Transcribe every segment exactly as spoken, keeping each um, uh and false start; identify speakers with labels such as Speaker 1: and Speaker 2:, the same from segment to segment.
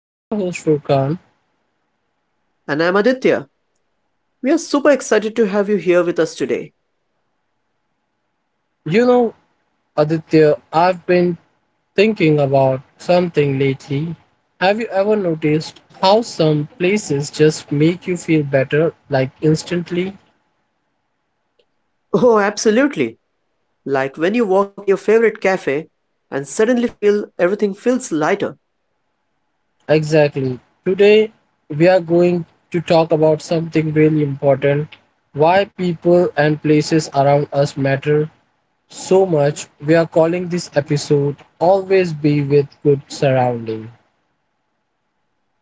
Speaker 1: I'm your host Furkan.
Speaker 2: And I'm Aditya. We are super excited to have you here with us today.
Speaker 1: You know, Aditya, I've been thinking about something lately. Have you ever noticed how some places just make you feel better like instantly?
Speaker 2: Oh, absolutely. Like when you walk in your favorite cafe and suddenly feel everything feels lighter.
Speaker 1: Exactly. Today we are going to talk about something really important. Why people and places around us matter so much, we are calling this episode Always Be with Good Surrounding.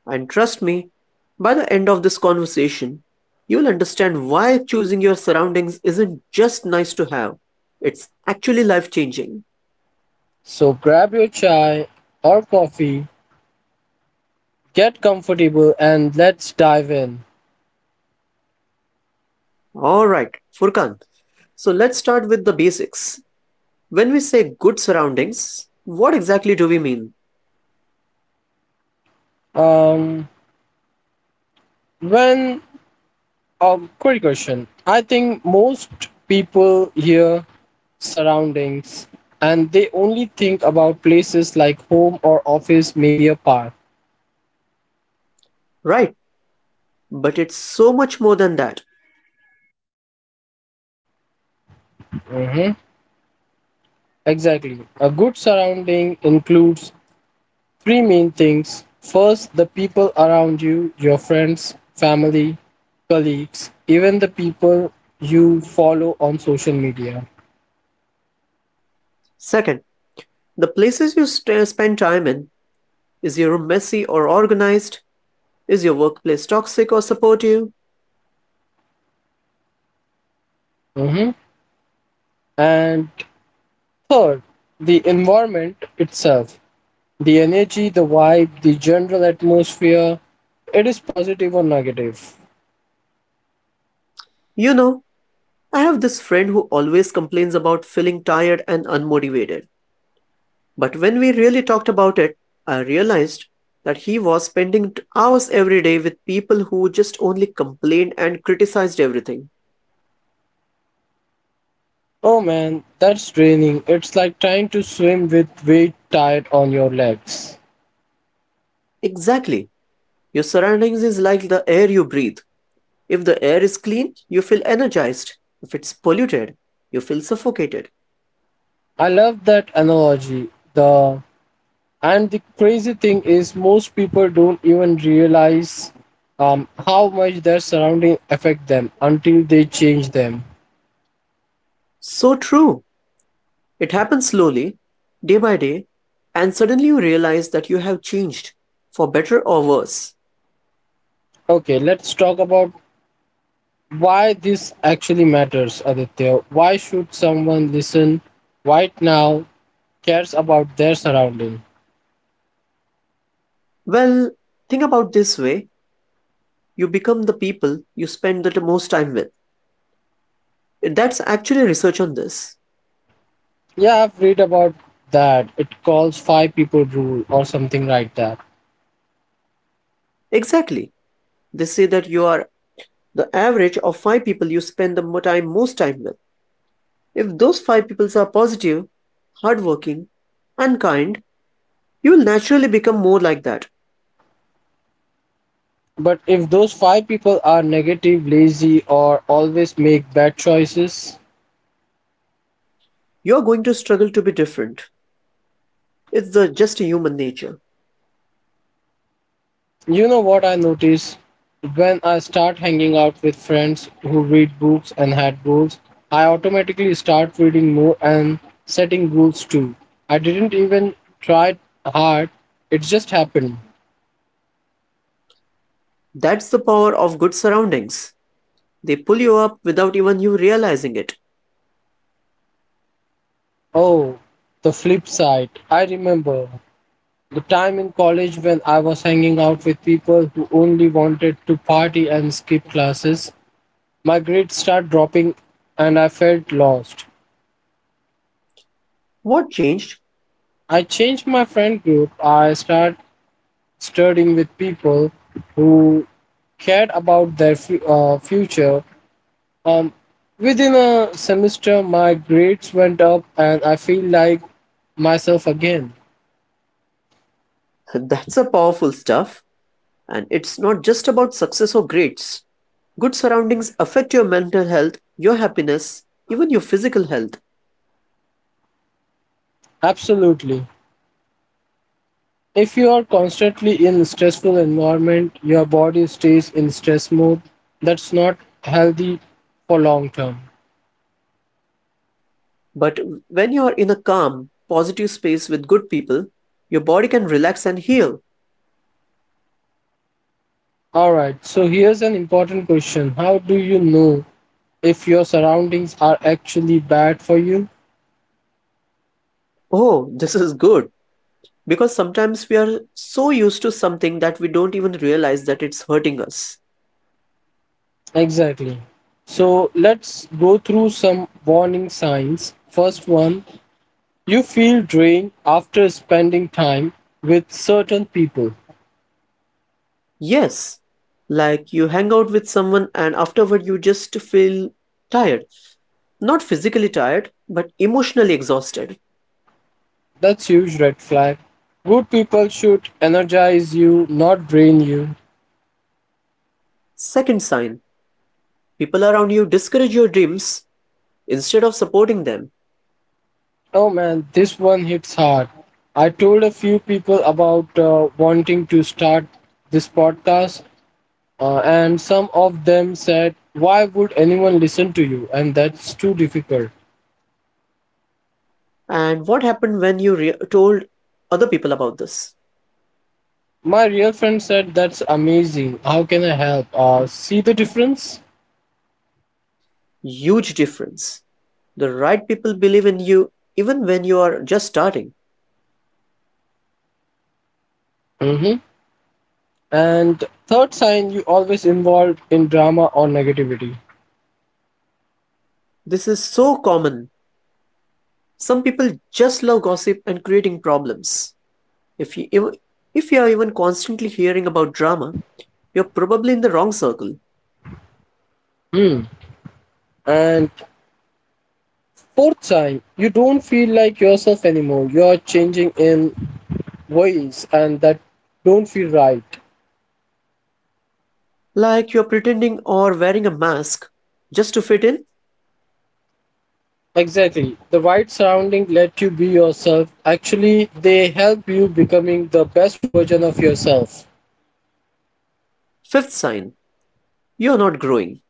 Speaker 2: And trust me, by the end of this conversation, you'll understand why choosing your surroundings isn't just nice to have. It's actually life changing.
Speaker 1: So grab your chai or coffee, get comfortable, and let's dive in.
Speaker 2: Alright, Furkan. So let's start with the basics. When we say good surroundings, what exactly do we mean?
Speaker 1: Um, when, um, quick question. I think most people hear surroundings and they only think about places like home or office, maybe a park.
Speaker 2: Right, but it's so much more than that.
Speaker 1: Mhm. Exactly. A good surrounding includes three main things. First, the people around you, your friends, family, colleagues, even the people you follow on social media.
Speaker 2: Second, the places you st- spend time in, is your room messy or organized? Is your workplace toxic or supportive?
Speaker 1: Mhm. And third, the environment itself, the energy, the vibe, the general atmosphere, it is positive or negative.
Speaker 2: You know, I have this friend who always complains about feeling tired and unmotivated. But when we really talked about it, I realized that he was spending t- hours every day with people who just only complained and criticized everything.
Speaker 1: Oh man, that's draining. It's like trying to swim with weight tied on your legs.
Speaker 2: Exactly. Your surroundings is like the air you breathe. If the air is clean, you feel energized. If it's polluted, you feel suffocated.
Speaker 1: I love that analogy. The And the crazy thing is, most people don't even realize um, how much their surrounding affect them until they change them.
Speaker 2: So true. It happens slowly, day by day, and suddenly you realize that you have changed, for better or worse.
Speaker 1: Okay, let's talk about why this actually matters, Aditya. Why should someone listen right now cares about their surrounding?
Speaker 2: Well, think about this way, you become the people you spend the most time with. That's actually research on this.
Speaker 1: Yeah, I've read about that. It calls five people rule or something like that.
Speaker 2: Exactly. They say that you are the average of five people you spend the mo- time most time with. If those five people are positive, hardworking, and kind, you will naturally become more like that.
Speaker 1: But if those five people are negative, lazy, or always make bad choices,
Speaker 2: You're going to struggle to be different. It's the just human nature.
Speaker 1: you know what I notice? When I start hanging out with friends who read books and had goals, I automatically start reading more and setting goals too. I didn't even try hard, it just happened.
Speaker 2: That's the power of good surroundings. They pull you up without even you realizing it.
Speaker 1: Oh, the flip side. I remember the time in college when I was hanging out with people who only wanted to party and skip classes. My grades start dropping and I felt lost.
Speaker 2: What changed?
Speaker 1: I changed my friend group. I start studying with people who cared about their fu- uh, future. Um, Within a semester, my grades went up and I feel like myself again.
Speaker 2: That's a powerful stuff. And it's not just about success or grades. Good surroundings affect your mental health, your happiness, even your physical health.
Speaker 1: Absolutely. If you are constantly in stressful environment, your body stays in stress mode. That's not healthy for long term.
Speaker 2: But when you are in a calm, positive space with good people, your body can relax and heal.
Speaker 1: All right, so here's an important question. How do you know if your surroundings are actually bad for you?
Speaker 2: Oh, this is good. Because sometimes we are so used to something that we don't even realize that it's hurting us.
Speaker 1: Exactly. So let's go through some warning signs. First one, you feel drained after spending time with certain people.
Speaker 2: Yes, like you hang out with someone and afterward you just feel tired. Not physically tired, but emotionally exhausted.
Speaker 1: That's huge red flag. Good people should energize you, not drain you.
Speaker 2: Second sign, people around you discourage your dreams instead of supporting them.
Speaker 1: Oh man, this one hits hard. I told a few people about uh, wanting to start this podcast, uh, and some of them said, "Why would anyone listen to you? And that's too difficult."
Speaker 2: And what happened when you re- told other people about this?
Speaker 1: My real friend said, "That's amazing. How can I help?" Uh, see the difference?
Speaker 2: Huge difference. The right people believe in you even when you are just starting.
Speaker 1: Hmm And third sign, you always involved in drama or negativity.
Speaker 2: This is so common. Some people just love gossip and creating problems. If you ev- if you are even constantly hearing about drama, you're probably in the wrong circle.
Speaker 1: Hmm. And fourth sign, you don't feel like yourself anymore. You are changing in ways and that don't feel right.
Speaker 2: Like you're pretending or wearing a mask just to fit in.
Speaker 1: Exactly. The right surrounding let you be yourself. Actually, they help you becoming the best version of yourself.
Speaker 2: Fifth sign, you're not growing.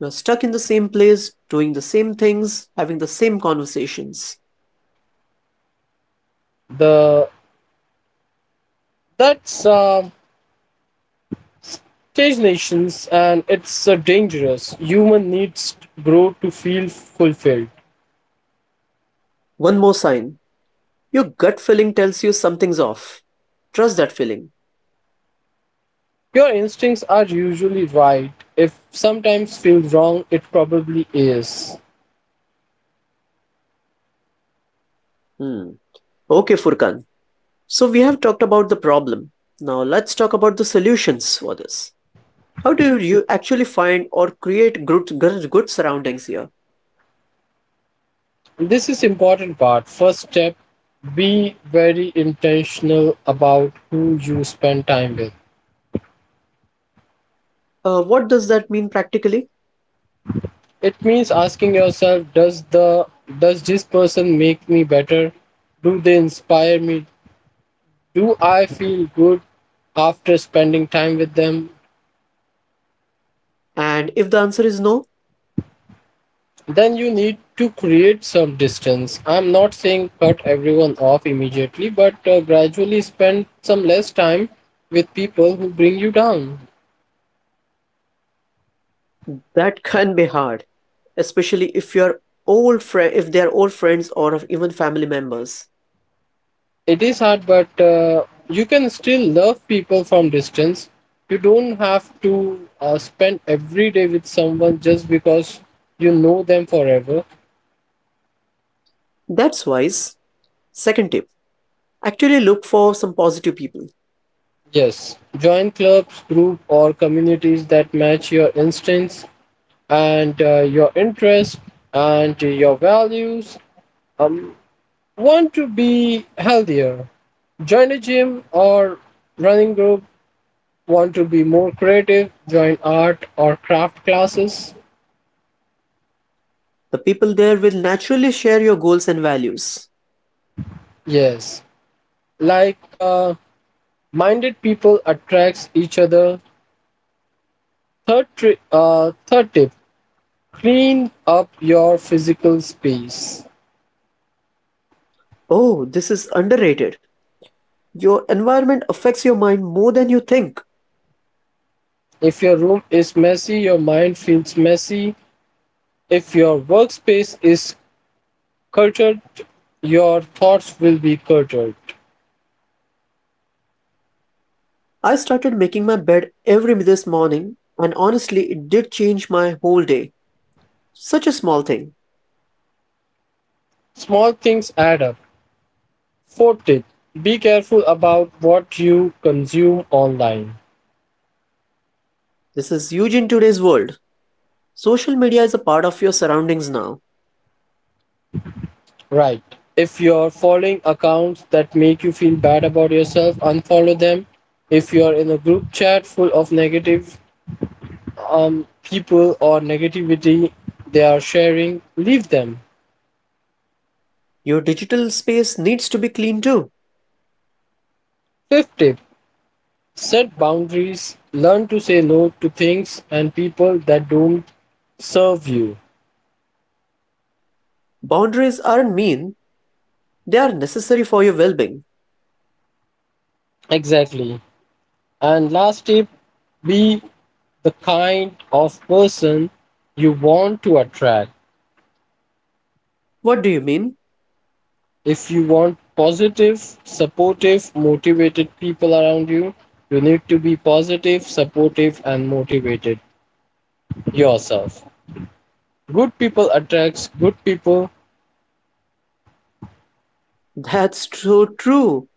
Speaker 2: You're stuck in the same place, doing the same things, having the same conversations.
Speaker 1: The that's uh, Stage nations and it's a dangerous. Human needs grow to feel fulfilled.
Speaker 2: One more sign, your gut feeling tells you something's off. Trust that feeling.
Speaker 1: Your instincts are usually right. If sometimes feels wrong, it probably is.
Speaker 2: Hmm. Okay, Furkan. So we have talked about the problem. Now let's talk about the solutions for this. How do you actually find or create good, good, good surroundings here?
Speaker 1: This is important part. First step, be very intentional about who you spend time with.
Speaker 2: Uh, what does that mean practically?
Speaker 1: It means asking yourself, does the does this person make me better? Do they inspire me? Do I feel good after spending time with them?
Speaker 2: And if the answer is no,
Speaker 1: Then you need to create some distance. I'm not saying cut everyone off immediately, but uh, gradually spend some less time with people who bring you down.
Speaker 2: that can be hard, especially if you're old friend, if they are old friends or even family members.
Speaker 1: It is hard, but uh, you can still love people from distance. You don't have to uh, spend every day with someone just because you know them forever.
Speaker 2: That's wise. Second tip: actually look for some positive people.
Speaker 1: Yes, join clubs, group, or communities that match your instincts and uh, your interests and your values. Um, want to be healthier? Join a gym or running group? Want to be more creative? Join art or craft classes?
Speaker 2: The people there will naturally share your goals and values.
Speaker 1: Yes. Like uh, minded people attracts each other. Third, tri- uh, third tip: clean up your physical space.
Speaker 2: Oh, this is underrated. Your environment affects your mind more than you think.
Speaker 1: If your room is messy, your mind feels messy. If your workspace is cluttered, your thoughts will be cluttered.
Speaker 2: I started making my bed every this morning, and honestly, it did change my whole day. Such a small thing.
Speaker 1: Small things add up. Fourth tip, be careful about what you consume online.
Speaker 2: This is huge in today's world. Social media is a part of your surroundings now.
Speaker 1: Right. If you're following accounts that make you feel bad about yourself, unfollow them. If you're in a group chat full of negative um, people or negativity they are sharing, leave them.
Speaker 2: Your digital space needs to be clean too.
Speaker 1: Fifth tip, set boundaries. Learn to say no to things and people that don't serve you.
Speaker 2: Boundaries aren't mean, they are necessary for your well being.
Speaker 1: Exactly. And last tip, be the kind of person you want to attract.
Speaker 2: What do you mean?
Speaker 1: If you want positive, supportive, motivated people around you, you need to be positive, supportive, and motivated yourself. Good people attracts good people.
Speaker 2: That's so true.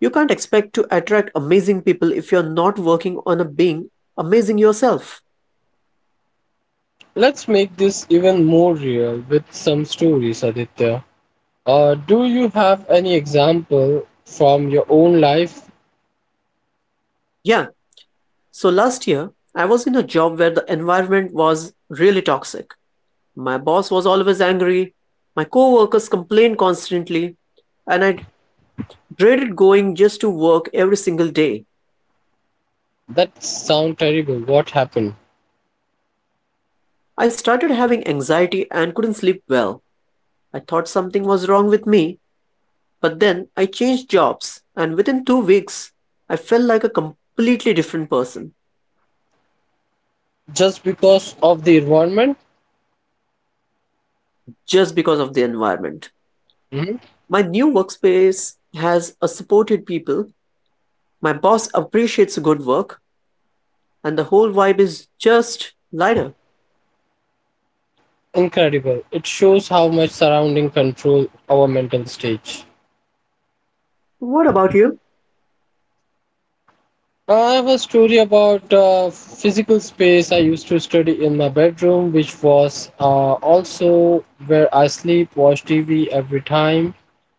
Speaker 2: You can't expect to attract amazing people if you're not working on a being amazing yourself.
Speaker 1: Let's make this even more real with some stories, Aditya. Uh, do you have any example from your own life
Speaker 2: Yeah, so last year, I was in a job where the environment was really toxic. My boss was always angry, my coworkers complained constantly, and I dreaded going just to work every single day.
Speaker 1: that sound terrible? What happened?
Speaker 2: I started having anxiety and couldn't sleep well. I thought something was wrong with me, but then I changed jobs, and within two weeks, I felt like a completely different person
Speaker 1: Just because of the environment?
Speaker 2: just because of the environment.
Speaker 1: Mhm.
Speaker 2: My new workspace has a supported people. My boss appreciates good work, and the whole vibe is just lighter.
Speaker 1: Incredible. It shows how much surrounding control our mental stage.
Speaker 2: What about you?
Speaker 1: I have a story about uh, physical space. I used to study in my bedroom, which was uh, also where I sleep, watch T V every time,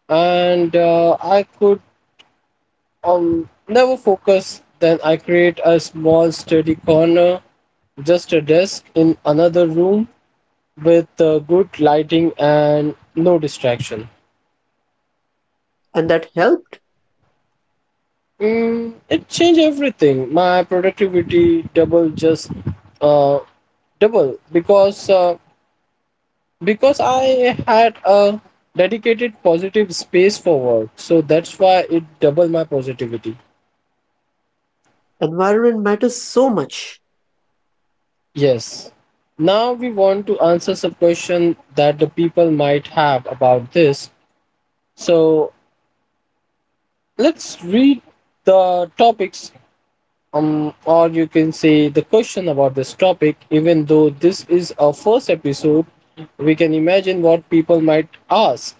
Speaker 1: and uh, I could um, never focus. Then I create a small study corner, just a desk in another room with uh, good lighting and no distraction.
Speaker 2: And that helped?
Speaker 1: Mm, it changed everything. My productivity double just uh, double because uh, because I had a dedicated positive space for work. So that's why it doubled my positivity.
Speaker 2: Environment matters so much.
Speaker 1: Yes. Now we want to answer some question that the people might have about this. So let's read the topics um, or you can say the question about this topic, even though this is our first episode, we can imagine what people might ask.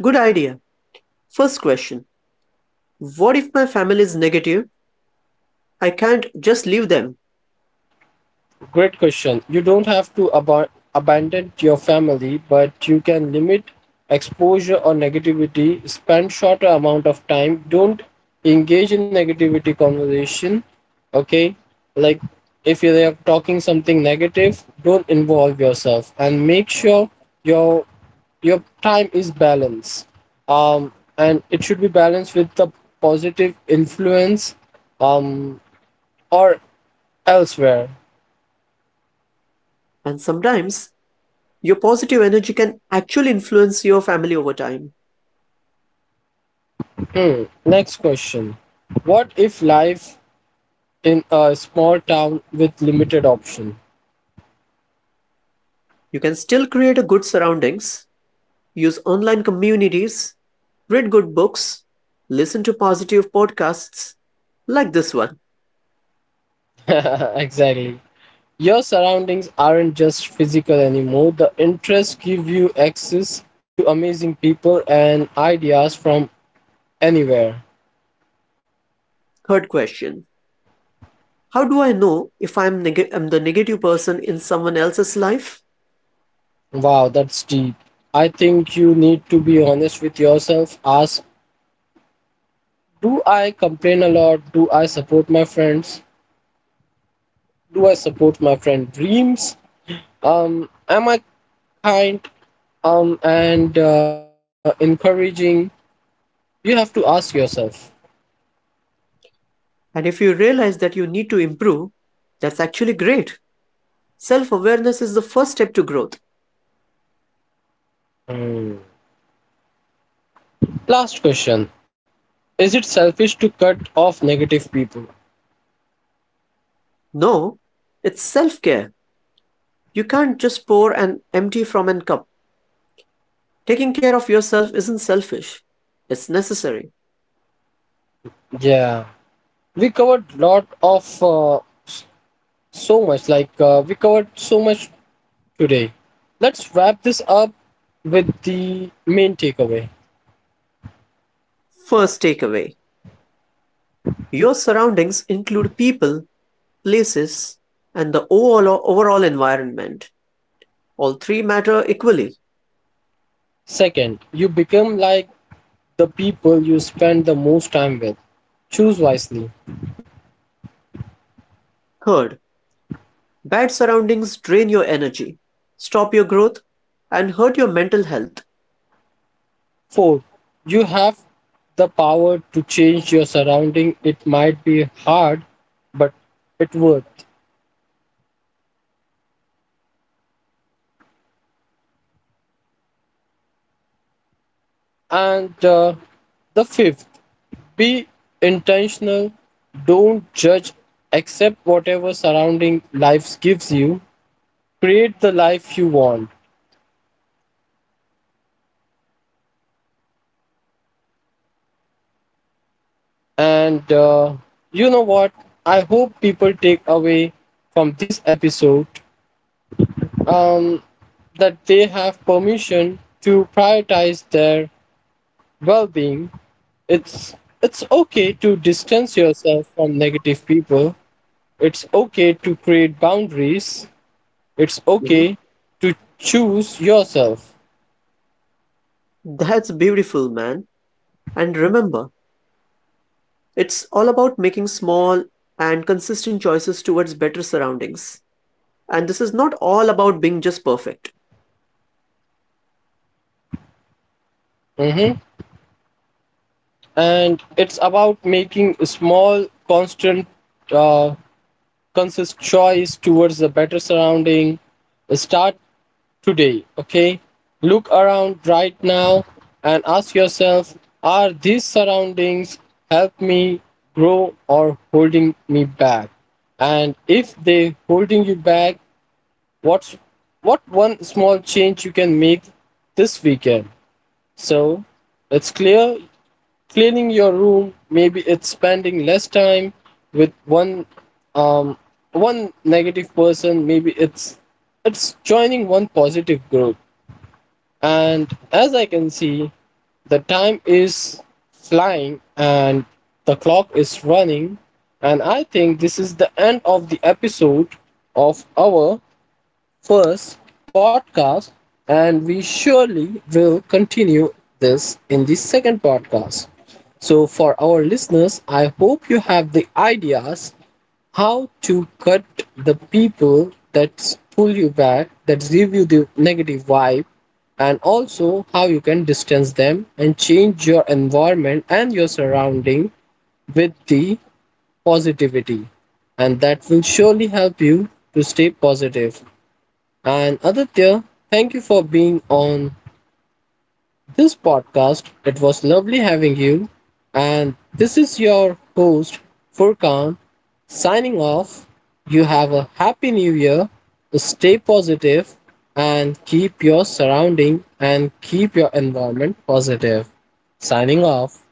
Speaker 2: Good idea. First question, what if my family is negative? I can't just leave them.
Speaker 1: Great question. You don't have to ab- abandon your family, but you can limit exposure or negativity, spend shorter amount of time, don't engage in negativity conversation, okay? Like if you are talking something negative, don't involve yourself and make sure your your time is balanced, um, and it should be balanced with the positive influence um, or elsewhere.
Speaker 2: And sometimes, your positive energy can actually influence your family over time.
Speaker 1: Hmm, next question, what if life in a small town with limited option?
Speaker 2: You can still create a good surroundings, use online communities, read good books, listen to positive podcasts like this one.
Speaker 1: Exactly, your surroundings aren't just physical anymore, the interests give you access to amazing people and ideas from anywhere.
Speaker 2: Third question, how do I know if I'm, neg- I'm the negative person in someone else's life?
Speaker 1: Wow, that's deep. I think you need to be honest with yourself. Ask, do I complain a lot? Do I support my friends? Do I support my friend dreams? Um, am I kind? Um, and uh, Encouraging? You have to ask yourself.
Speaker 2: And if you realize that you need to improve, that's actually great. Self awareness is the first step to growth.
Speaker 1: Hmm. Last question. Is it selfish to cut off negative people?
Speaker 2: No, it's self care. You can't just pour and empty from a cup. Taking care of yourself isn't selfish, it's necessary.
Speaker 1: Yeah. We covered lot of uh, s- so much like uh, we covered so much today. Let's wrap this up with the main takeaway.
Speaker 2: First takeaway, your surroundings include people, places, and the overall, overall environment. All three matter equally.
Speaker 1: Second, you become like the people you spend the most time with. Choose wisely.
Speaker 2: Third, bad surroundings drain your energy, stop your growth, and hurt your mental health.
Speaker 1: Fourth, you have the power to change your surrounding. It might be hard, but it worth.
Speaker 2: Yes. And fifth, be intentional. Don't just accept whatever
Speaker 1: And uh,
Speaker 2: surroundings life
Speaker 1: the
Speaker 2: gives
Speaker 1: fifth,
Speaker 2: you.
Speaker 1: be
Speaker 2: Create uh, the
Speaker 1: intentional.
Speaker 2: life you want.
Speaker 1: Don't judge. Accept whatever surrounding life gives you. Create the life you want.
Speaker 2: Is there anything else you would
Speaker 1: And
Speaker 2: like to
Speaker 1: uh,
Speaker 2: add to this,
Speaker 1: you know
Speaker 2: Furkan?
Speaker 1: what? I hope people take away from this episode um, that they have permission to
Speaker 2: Okay.
Speaker 1: prioritize their well-being.
Speaker 2: So,
Speaker 1: It's it's okay to distance yourself from negative people. It's okay to create boundaries. It's
Speaker 2: mhm,
Speaker 1: okay to choose yourself.
Speaker 2: that's beautiful, man. And remember, it's all about making small and consistent choices towards better surroundings. And this is not all about being just perfect.
Speaker 1: Mhm. And it's about making small, constant uh, conscious choice towards a better surrounding. Start today, okay? Look around right now and ask yourself, are these surroundings help me grow or holding me back? And if they holding you back, what's what one small change you can make this weekend? So it's clear, cleaning your room, maybe it's spending less time with one um, one negative person, maybe it's it's joining one positive group. And as I can see, the time is flying and the clock is running, and I think this is the end of the episode of our first podcast, and we surely will continue this in the second podcast. So, for our listeners, I hope you have the ideas how to cut the people that pull you back, that give you the negative vibe, and also how you can distance them and change your environment and your surrounding with the positivity. And that will surely help you to stay positive. And Aditya, thank you for being on this podcast. It was lovely having you. And this is your host, Furkan, signing off. You have a happy new year. Stay positive and keep your surrounding and keep your environment positive. Signing off.